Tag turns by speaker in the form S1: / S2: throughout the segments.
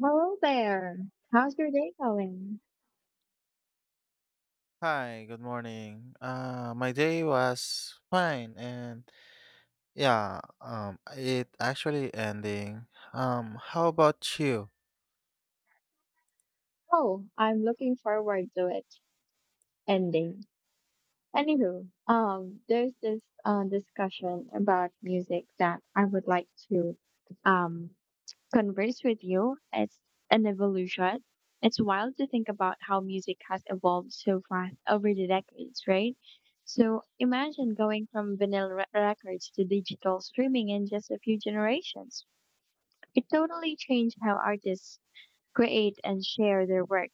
S1: Hello there. How's your day going?
S2: Hi, good morning. My day was fine and, yeah, it actually ending. How about you?
S1: Oh, I'm looking forward to it ending. Anywho, there's this discussion about music that I would like to um converse with you. It's an evolution. It's wild to think about how music has evolved so fast over the decades, right? So imagine going from records to digital streaming in just a few generations. It totally changed how artists create and share their work.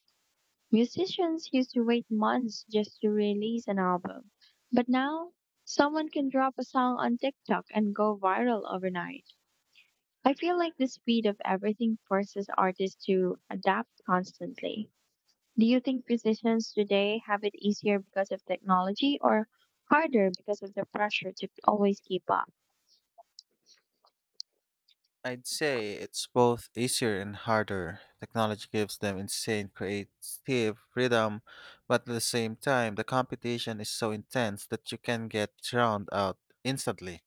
S1: Musicians used to wait months just to release an album, but now someone can drop a song on TikTok and go viral overnight. I feel like the speed of everything forces artists to adapt constantly. Do you think musicians today have it easier because of technology or harder because of the pressure to always keep up?
S2: I'd say it's both easier and harder. Technology gives them insane creative freedom, but at the same time, the competition is so intense that you can get drowned out instantly.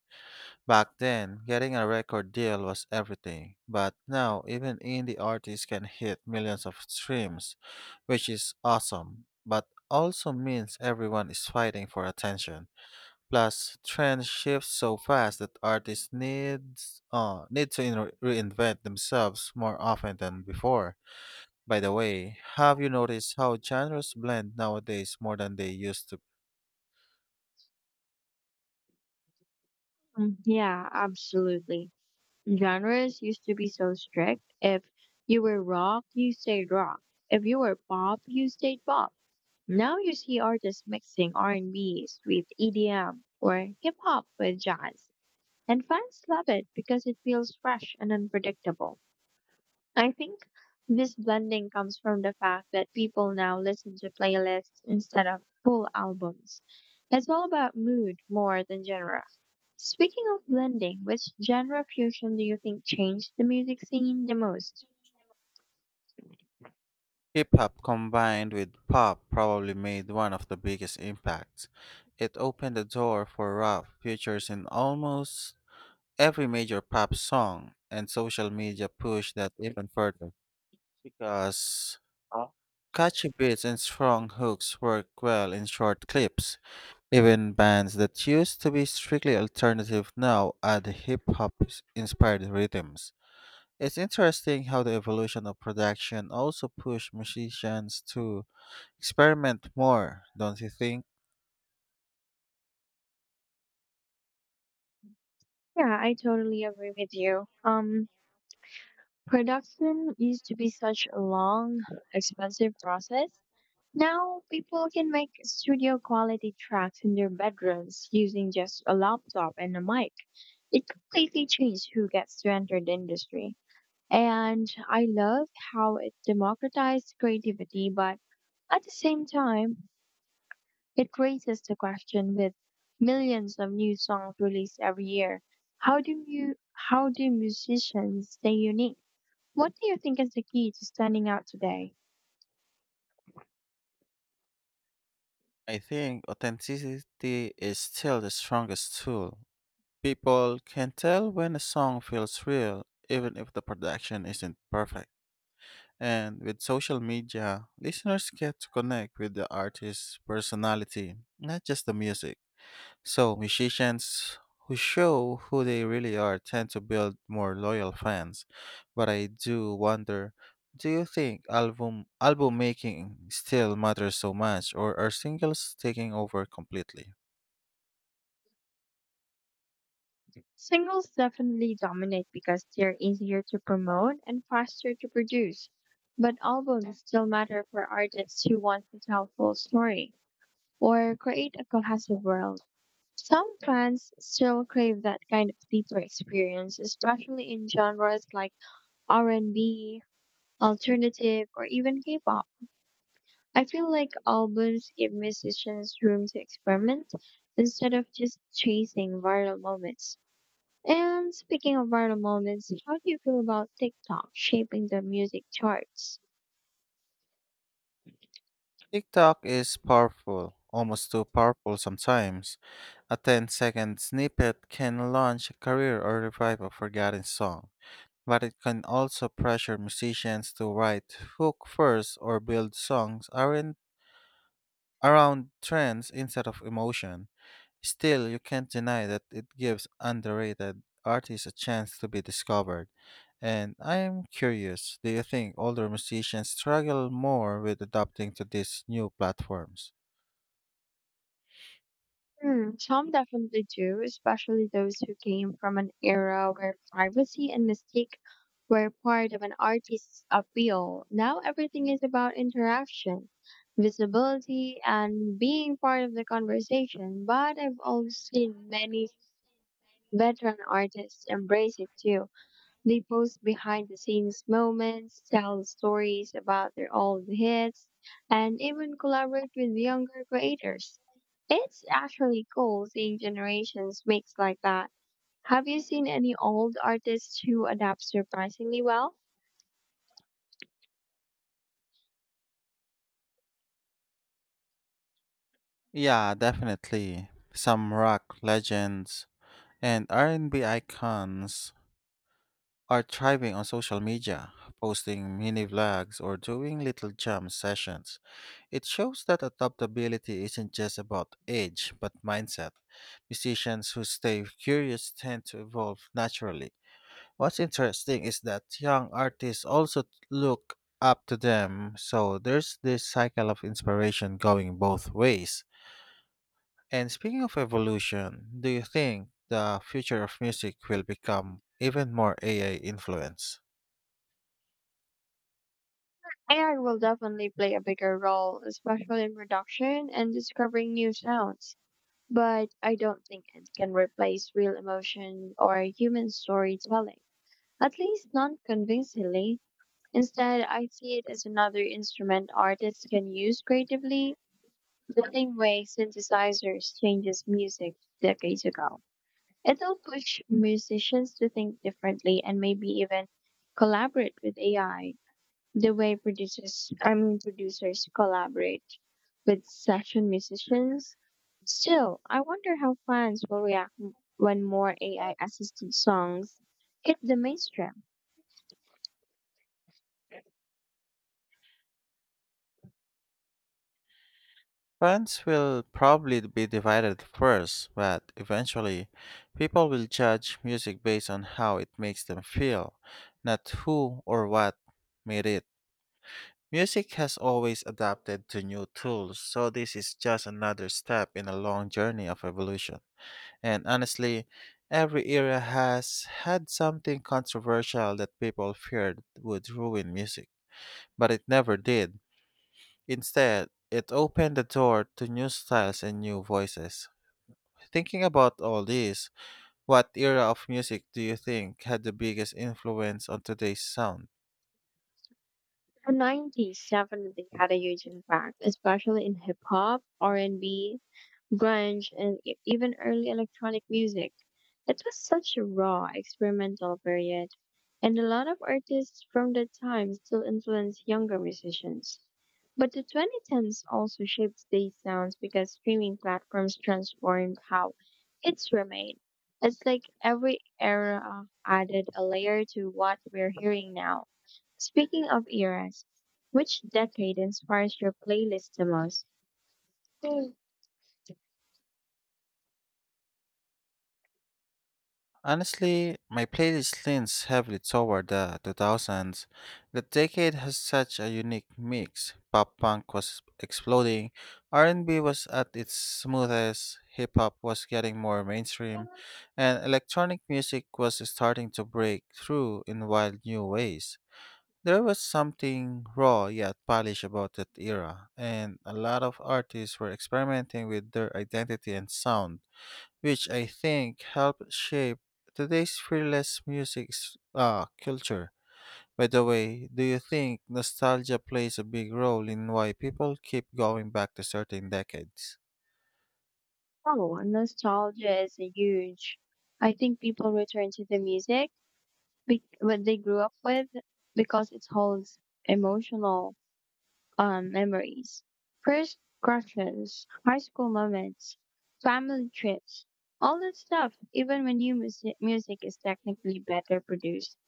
S2: Back then, getting a record deal was everything, but now even indie artists can hit millions of streams, which is awesome, but also means everyone is fighting for attention. Plus, trends shift so fast that artists need to reinvent themselves more often than before. By the way, have you noticed how genres blend nowadays more than they used to?
S1: Mm, yeah, absolutely. Genres used to be so strict. If you were rock, you stayed rock. If you were pop, you stayed pop. Now you see artists mixing R and B with EDM or hip hop with jazz. And fans love it because it feels fresh and unpredictable. I think this blending comes from the fact that people now listen to playlists instead of full albums. It's all about mood more than genre. Speaking of blending, which genre fusion do you think changed the music scene the most?
S2: Hip hop combined with pop probably made one of the biggest impacts. It opened the door for rap features in almost every major pop song, and social media pushed that even further because catchy beats and strong hooks work well in short clips. Even bands that used to be strictly alternative now add hip hop inspired rhythms. It's interesting how the evolution of production also pushed musicians to experiment more, don't you think?
S1: Yeah, I totally agree with you. Production used to be such a long, expensive process. Now people can make studio quality tracks in their bedrooms using just a laptop and a mic. It completely changed who gets to enter the industry. And I love how it democratized creativity, but at the same time, it raises the question: with millions of new songs released every year, how do musicians stay unique? What do you think is the key to standing out today?
S2: I think authenticity is still the strongest tool. People can tell when a song feels real, even if the production isn't perfect. And with social media, listeners get to connect with the artist's personality, not just the music. So, musicians who show who they really are tend to build more loyal fans. But I do wonder, do you think album making still matters so much, or are singles taking over completely?
S1: Singles definitely dominate because they're easier to promote and faster to produce. But albums still matter for artists who want to tell full story or create a cohesive world. Some fans still crave that kind of deeper experience, especially in genres like R&B, alternative, or even K-pop. I feel like albums give musicians room to experiment instead of just chasing viral moments. And speaking of viral moments, how do you feel about TikTok shaping the music charts?
S2: TikTok is powerful, almost too powerful sometimes. A 10 second snippet can launch a career or revive a forgotten song. But it can also pressure musicians to write hook first or build songs aren't around trends instead of emotion. Still, you can't deny that it gives underrated artists a chance to be discovered. And I am curious, do you think older musicians struggle more with adapting to these new platforms?
S1: Hmm, some definitely do, especially those who came from an era where privacy and mystique were part of an artist's appeal. Now everything is about interaction, visibility, and being part of the conversation. But I've also seen many veteran artists embrace it too. They post behind the scenes moments, tell stories about their old hits, and even collaborate with younger creators. It's actually cool seeing generations mix like that. Have you seen any old artists who adapt surprisingly well?
S2: Yeah, definitely. Some rock legends and R&B icons are thriving on social media, posting mini vlogs or doing little jam sessions. It shows that adaptability isn't just about age, but mindset. Musicians who stay curious tend to evolve naturally. What's interesting is that young artists also look up to them, so there's this cycle of inspiration going both ways. And speaking of evolution, do you think the future of music will become even more AI influenced?
S1: AI will definitely play a bigger role, especially in production and discovering new sounds. But I don't think it can replace real emotion or human storytelling, at least not convincingly. Instead, I see it as another instrument artists can use creatively, the same way synthesizers changes music decades ago. It'll push musicians to think differently and maybe even collaborate with AI the way producers, I mean producers collaborate with session musicians. Still, I wonder how fans will react when more AI assisted songs hit the mainstream.
S2: Fans will probably be divided first, but eventually, people will judge music based on how it makes them feel, not who or what made it. Music has always adapted to new tools, so this is just another step in a long journey of evolution. And honestly, every era has had something controversial that people feared would ruin music, but it never did. Instead, it opened the door to new styles and new voices. Thinking about all this, what era of music do you think had the biggest influence on today's sound?
S1: The 90s definitely had a huge impact, especially in hip hop, R&B, grunge, and even early electronic music. It was such a raw, experimental period, and a lot of artists from that time still influence younger musicians. But the 2010s also shaped these sounds because streaming platforms transformed how it's were made. It's like every era added a layer to what we're hearing now. Speaking of eras, which decade inspires your playlist the most?
S2: Honestly, my playlist leans heavily toward the 2000s. The decade has such a unique mix. Pop punk was exploding, R&B was at its smoothest, hip hop was getting more mainstream, and electronic music was starting to break through in wild new ways. There was something raw yet polished about that era, and a lot of artists were experimenting with their identity and sound, which I think helped shape today's fearless music culture. By the way, do you think nostalgia plays a big role in why people keep going back to certain decades?
S1: Oh, nostalgia is a huge. I think people return to the music what they grew up with because it holds emotional memories. First crushes, high school moments, family trips, all that stuff. Even when new music music is technically better produced,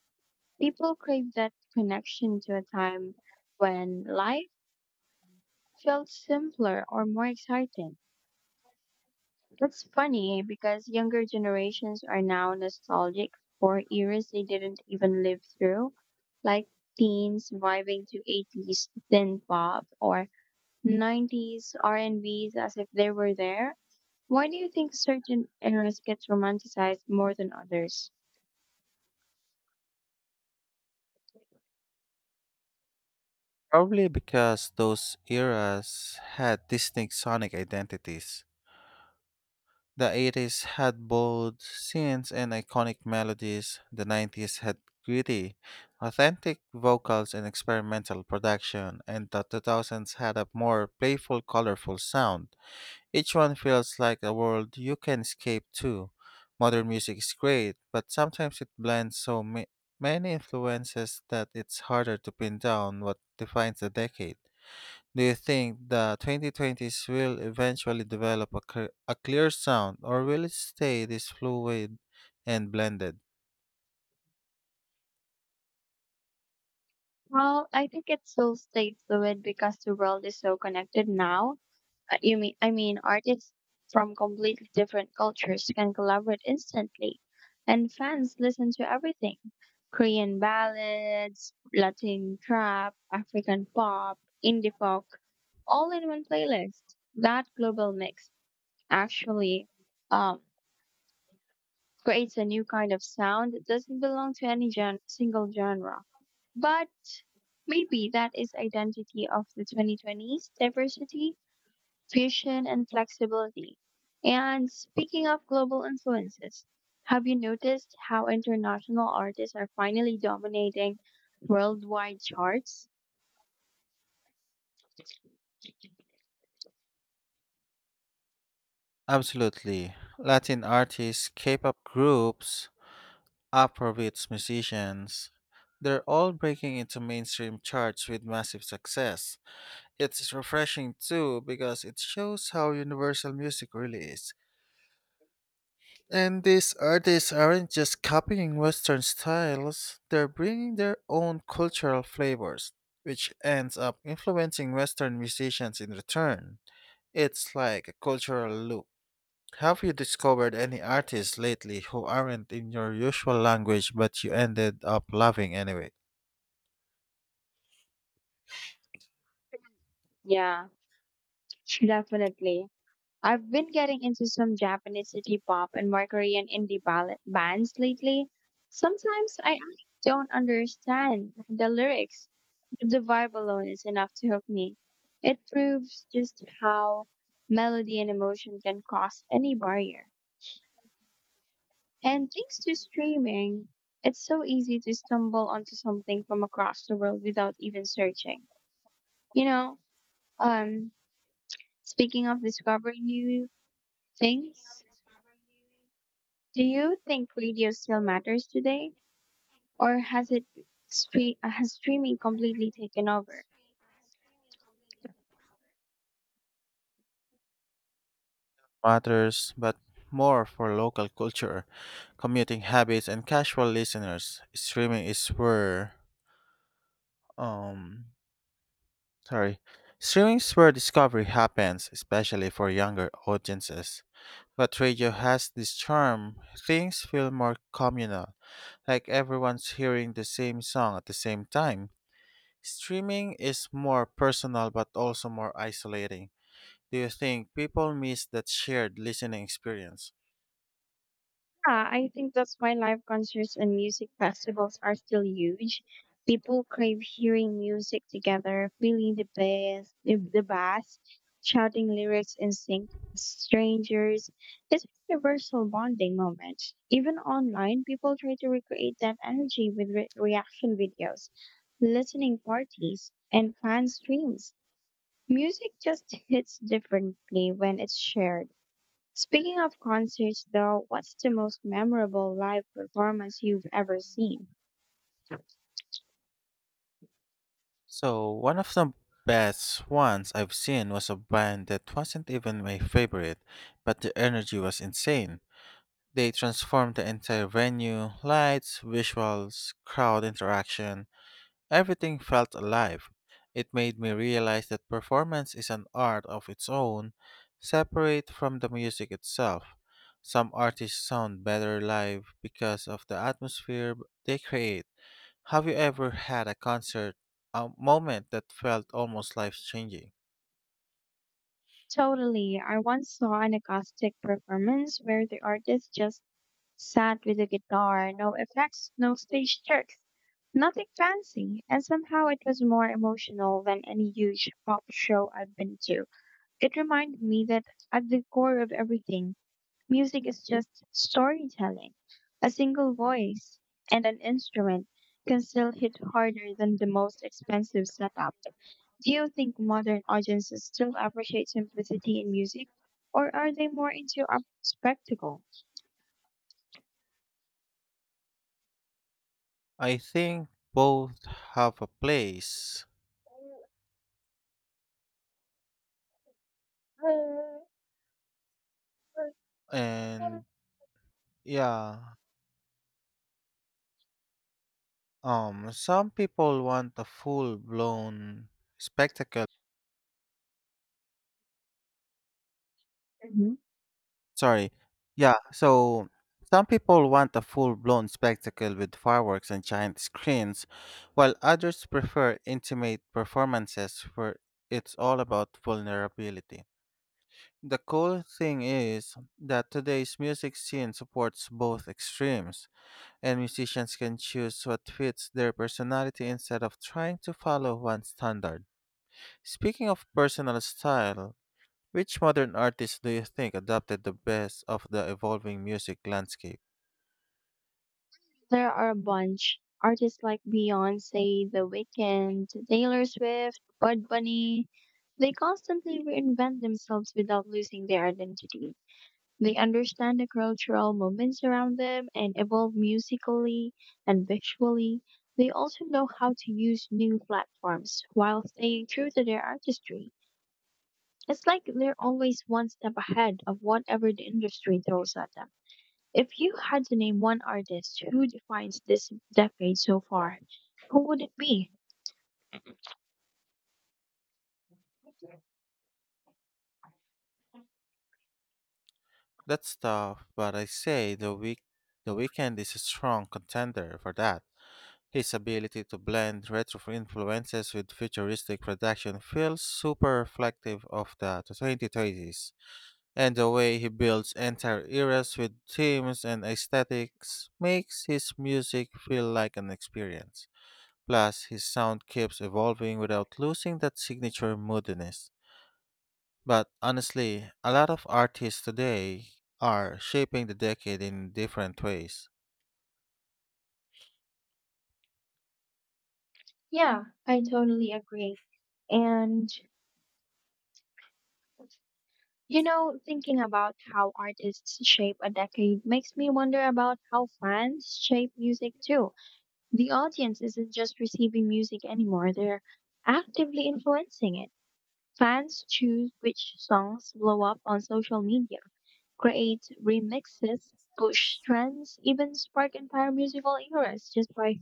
S1: people crave that connection to a time when life felt simpler or more exciting. That's funny because younger generations are now nostalgic for eras they didn't even live through, like teens vibing to 80s thin pop or 90s R&Bs as if they were there. Why do you think certain eras get romanticized more than others?
S2: Probably because those eras had distinct sonic identities. The 80s had bold scenes and iconic melodies. The 90s had gritty, authentic vocals and experimental production, and the 2000s had a more playful, colorful sound. Each one feels like a world you can escape to. Modern music is great, but sometimes it blends so many influences that it's harder to pin down what defines a decade. Do you think the 2020s will eventually develop a clear sound, or will it stay this fluid and blended?
S1: Well, I think it still stays fluid because the world is so connected now. You mean I mean artists from completely different cultures can collaborate instantly and fans listen to everything. Korean ballads, Latin trap, African pop, indie folk, all in one playlist. That global mix actually um, creates a new kind of sound that doesn't belong to any single genre. But maybe that is identity of the 2020s: diversity, fusion, and flexibility. And speaking of global influences, have you noticed how international artists are finally dominating worldwide charts?
S2: Absolutely. Latin artists, K pop groups, Afrobeats musicians, they're all breaking into mainstream charts with massive success. It's refreshing too because it shows how universal music really is. And these artists aren't just copying Western styles, they're bringing their own cultural flavors, which ends up influencing Western musicians in return. It's like a cultural loop. Have you discovered any artists lately who aren't in your usual language but you ended up loving anyway?
S1: Yeah, definitely. I've been getting into some Japanese city pop and more Korean bands lately. Sometimes I actually don't understand the lyrics, but the vibe alone is enough to hook me. It proves just how melody and emotion can cross any barrier. And thanks to streaming, it's so easy to stumble onto something from across the world without even searching. You know, um, Speaking of discovering new things, do you think radio still matters today, or has streaming completely taken over?
S2: Matters, but more for local culture, commuting habits, and casual listeners. Streaming is where. um Sorry. Streaming's where discovery happens, especially for younger audiences. But radio has this charm. Things feel more communal, like everyone's hearing the same song at the same time. Streaming is more personal but also more isolating. Do you think people miss that shared listening experience?
S1: Yeah, I think that's why live concerts and music festivals are still huge. People crave hearing music together, feeling the bass, shouting lyrics in sync with strangers. It's a universal bonding moment. Even online, people try to recreate that energy with reaction videos, listening parties, and fan streams. Music just hits differently when it's shared. Speaking of concerts, though, what's the most memorable live performance you've ever seen?
S2: So, one of the best ones I've seen was a band that wasn't even my favorite, but the energy was insane. They transformed the entire venue lights, visuals, crowd interaction, everything felt alive. It made me realize that performance is an art of its own, separate from the music itself. Some artists sound better live because of the atmosphere they create. Have you ever had a concert, a moment that felt almost life changing?
S1: Totally. I once saw an acoustic performance where the artist just sat with a guitar, no effects, no stage tricks, nothing fancy, and somehow it was more emotional than any huge pop show I've been to. It reminded me that at the core of everything, music is just storytelling. A single voice and an instrument can still hit harder than the most expensive setup. Do you think modern audiences still appreciate simplicity in music, or are they more into a spectacle?
S2: I think both have a place, and, yeah, some people want a full-blown spectacle.
S1: Mhm.
S2: Sorry. Yeah, so some people want a full-blown spectacle with fireworks and giant screens, while others prefer intimate performances where it's all about vulnerability. The cool thing is that today's music scene supports both extremes, and musicians can choose what fits their personality instead of trying to follow one standard. Speaking of personal style, which modern artist do you think adapted the best of the evolving music landscape?
S1: There are a bunch. Artists like Beyonce, The Weeknd, Taylor Swift, Bud Bunny. They constantly reinvent themselves without losing their identity. They understand the cultural movements around them and evolve musically and visually. They also know how to use new platforms while staying true to their artistry. It's like they're always one step ahead of whatever the industry throws at them. If you had to name one artist who defines this decade so far, who would it be?
S2: That's tough, but I say the Weekend is a strong contender for that. His ability to blend retro influences with futuristic production feels super reflective of the 2020s, and the way he builds entire eras with themes and aesthetics makes his music feel like an experience. Plus, his sound keeps evolving without losing that signature moodiness. But honestly, a lot of artists today are shaping the decade in different ways.
S1: Yeah, I totally agree. And Thinking about how artists shape a decade makes me wonder about how fans shape music too. The audience isn't just receiving music anymore, they're actively influencing it. Fans choose which songs blow up on social media, create remixes, push trends, even spark entire musical eras just by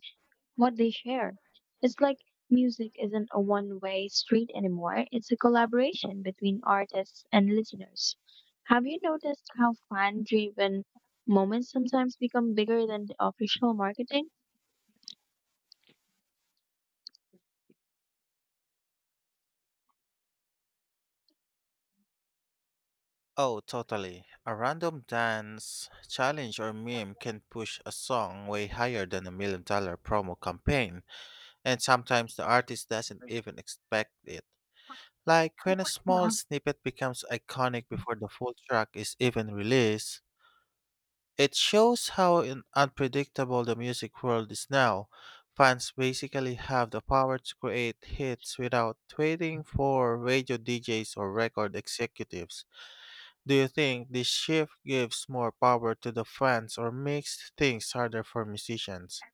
S1: what they share. It's like music isn't a one way street anymore, it's a collaboration between artists and listeners. Have you noticed how fan driven moments sometimes become bigger than the official marketing?
S2: Oh, totally. A random dance, challenge, or meme can push a song way higher than a $1 million promo campaign, and sometimes the artist doesn't even expect it. Like when a small
S1: Yeah.
S2: snippet becomes iconic before the full track is even released. It shows how unpredictable the music world is now. Fans basically have the power to create hits without waiting for radio DJs or record executives. Do you think this shift gives more power to the fans or makes things harder for musicians?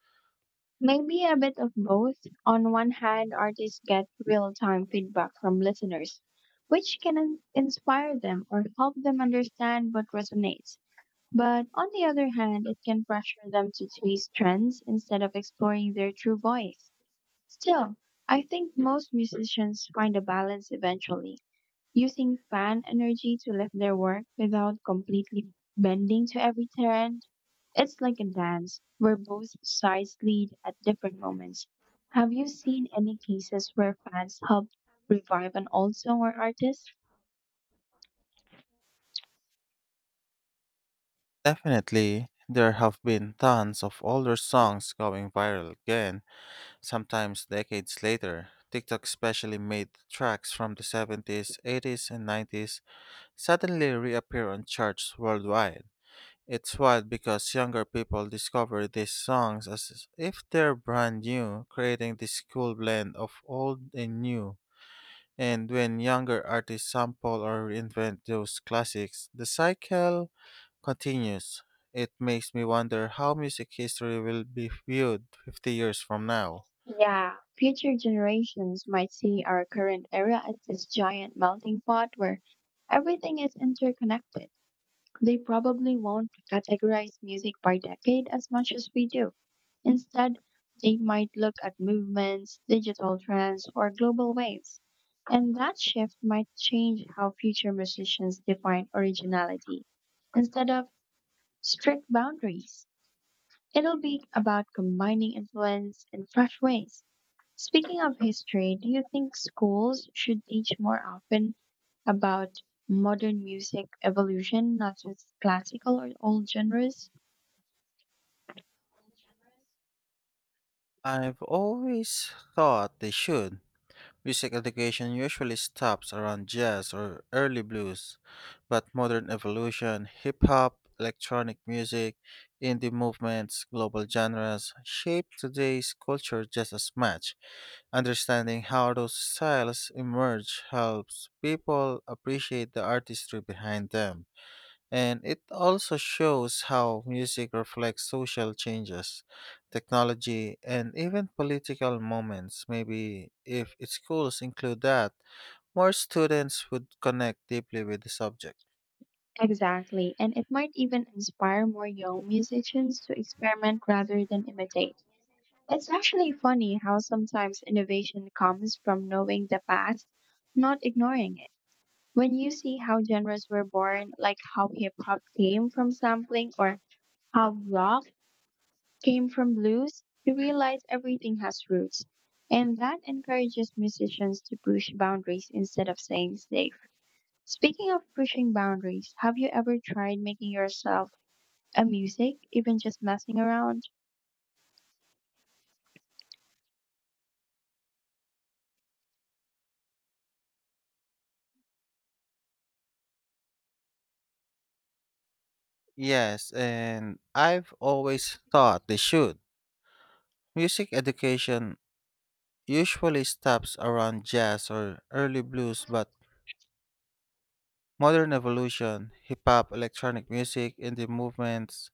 S1: Maybe a bit of both. On one hand, artists get real time feedback from listeners, which can inspire them or help them understand what resonates. But on the other hand, it can pressure them to chase trends instead of exploring their true voice. Still, I think most musicians find a balance eventually, using fan energy to lift their work without completely bending to every trend. It's like a dance where both sides lead at different moments. Have you seen any cases where fans help revive an old song or artist?
S2: Definitely, there have been tons of older songs going viral again, sometimes decades later. TikTok especially made tracks from the 70s, 80s, and 90s suddenly reappear on charts worldwide. It's wild because younger people discover these songs as if they're brand new, creating this cool blend of old and new. And when younger artists sample or reinvent those classics, the cycle continues. It makes me wonder how music history will be viewed 50 years from now.
S1: Yeah, future generations might see our current era as this giant melting pot where everything is interconnected. They probably won't categorize music by decade as much as we do. Instead, they might look at movements, digital trends, or global waves. And that shift might change how future musicians define originality. Instead of strict boundaries, it'll be about combining influence in fresh ways. Speaking of history, do you think schools should teach more often about modern music evolution, not just classical or old genres?
S2: I've always thought they should. Music education usually stops around jazz or early blues, but modern evolution, hip hop, electronic music, indie movements, global genres shape today's culture just as much. Understanding how those styles emerge helps people appreciate the artistry behind them. And it also shows how music reflects social changes, technology, and even political moments. Maybe if its schools include that, more students would connect deeply with the subject.
S1: Exactly, and it might even inspire more young musicians to experiment rather than imitate. It's actually funny how sometimes innovation comes from knowing the past, not ignoring it. When you see how genres were born, like how hip hop came from sampling or how rock came from blues, we realize everything has roots. And that encourages musicians to push boundaries instead of staying safe. Speaking of pushing boundaries, have you ever tried making yourself a music, even just messing around?
S2: Yes, and I've always thought they should. Music education usually stops around jazz or early blues, but modern evolution, hip hop, electronic music, indie movements,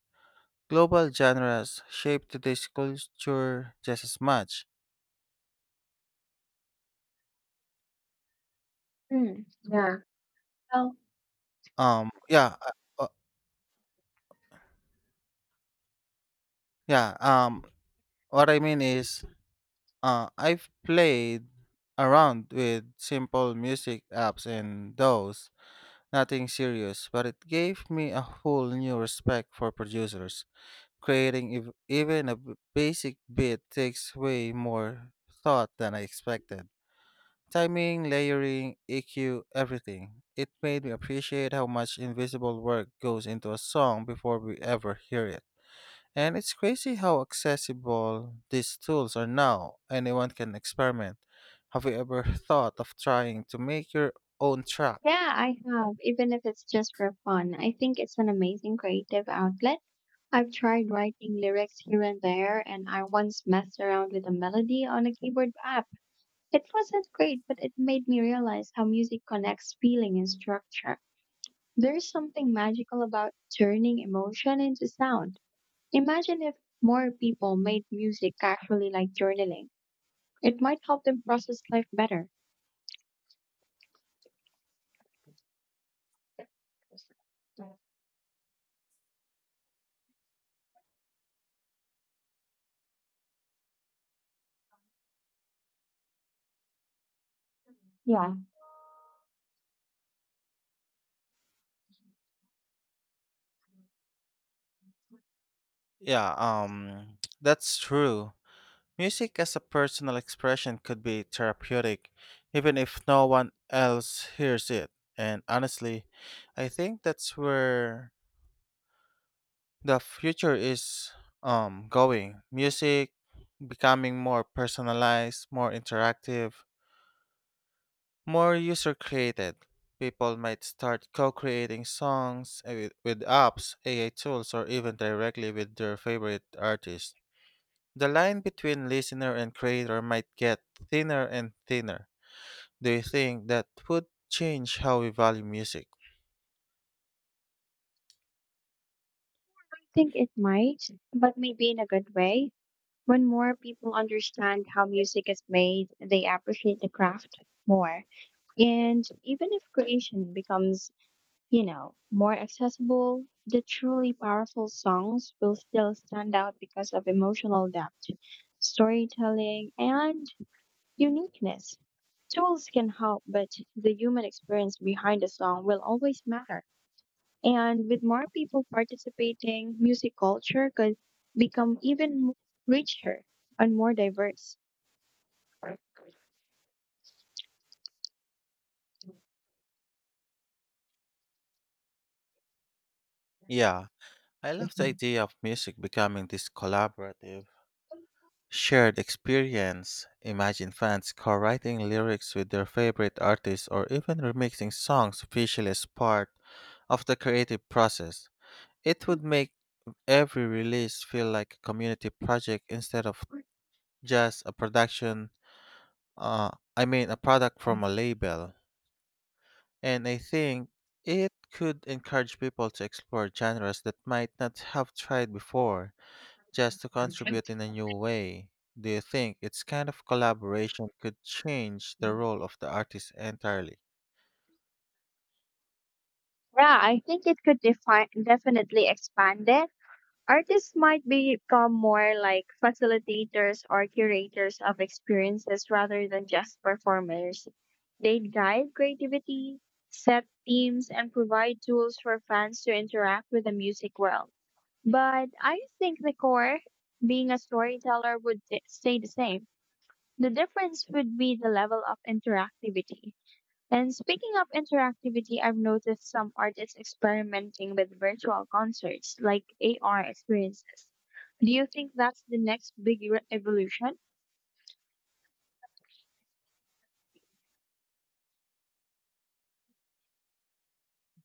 S2: global genres shape today's culture just as much.
S1: Hmm. Yeah. Well,
S2: Yeah, uh, uh, yeah. What I mean is, I've played around with simple music apps and those, nothing serious, but it gave me a whole new respect for producers. Creating even a basic beat takes way more thought than I expected. Timing, layering, EQ, everything. It made me appreciate how much invisible work goes into a song before we ever hear it. And it's crazy how accessible these tools are now. Anyone can experiment. Have you ever thought of trying to make your own track?
S1: yeah, I have, even if it's just for fun. I think it's an amazing creative outlet. I've tried writing lyrics here and there, and I once messed around with a melody on a keyboard app. It wasn't great, but it made me realize how music connects feeling and structure. There's something magical about turning emotion into sound. Imagine if more people made music casually, like journaling. It might help them process life better. Yeah,
S2: Yeah, that's true. Music as a personal expression could be therapeutic even if no one else hears it. And honestly, I think that's where the future is going. Music becoming more personalized, more interactive, more user created. People might start co-creating songs with apps, AI tools, or even directly with their favorite artists. The line between listener and creator might get thinner and thinner. Do you think that would change how we value music?
S1: I think it might, but maybe in a good way. When more people understand how music is made, they appreciate the craft more. And even if creation becomes, more accessible, the truly powerful songs will still stand out because of emotional depth, storytelling, and uniqueness. Tools can help, but the human experience behind a song will always matter. And with more people participating, music culture could become even richer and more diverse.
S2: Yeah, I love the idea of music becoming this collaborative shared experience. Imagine fans co-writing lyrics with their favorite artists or even remixing songs officially as part of the creative process. It would make every release feel like a community project instead of just a production, uh, I mean, a product from a label. And I think it could encourage people to explore genres that might not have tried before, just to contribute in a new way. Do you think its kind of collaboration could change the role of the artist entirely?
S1: Yeah, I think it could define definitely expand it. Artists might become more like facilitators or curators of experiences rather than just performers. They guide creativity, set themes, and provide tools for fans to interact with the music world. But I think the core, being a storyteller, would stay the same. The difference would be the level of interactivity. And speaking of interactivity, I've noticed some artists experimenting with virtual concerts like AR experiences. Do you think that's the next big evolution?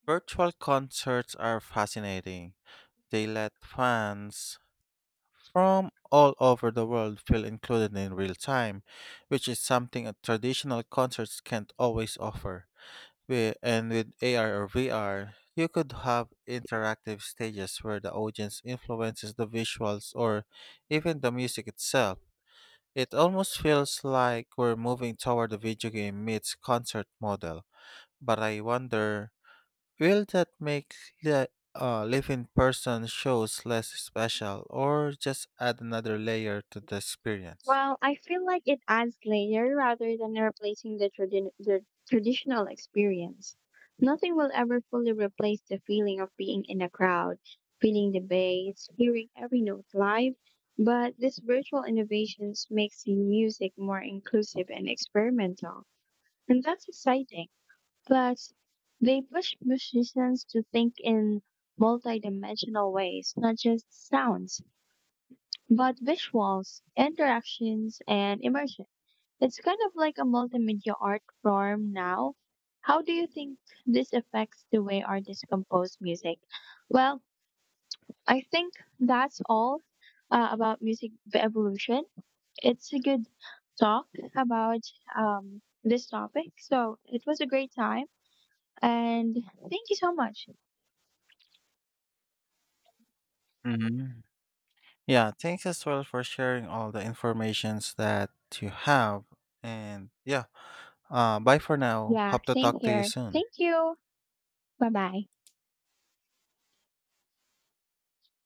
S2: Virtual concerts are fascinating. They let fans from all over the world feel included in real time, which is something a traditional concerts can't always offer. And with AR or VR, you could have interactive stages where the audience influences the visuals or even the music itself. It almost feels like we're moving toward a video game meets concert model, but I wonder, will that make the live in person shows less special or just add another layer to the experience?
S1: Well, I feel like it adds layer rather than replacing the traditional experience. Nothing will ever fully replace the feeling of being in a crowd, feeling the bass, hearing every note live, but these virtual innovations makes the music more inclusive and experimental. And that's exciting. Plus, they push musicians to think in multidimensional ways, not just sounds, but visuals, interactions, and immersion. It's kind of like a multimedia art form now. How do you think this affects the way artists compose music? Well, I think that's all about music evolution. It's a good talk about this topic. So it was a great time. And thank you so much.
S2: Hmm. Yeah, thanks as well for sharing all the informations that you have. And, yeah, bye for now.
S1: Yeah,
S2: Hope to
S1: same
S2: talk to you
S1: here.
S2: soon.
S1: Thank you. Bye bye.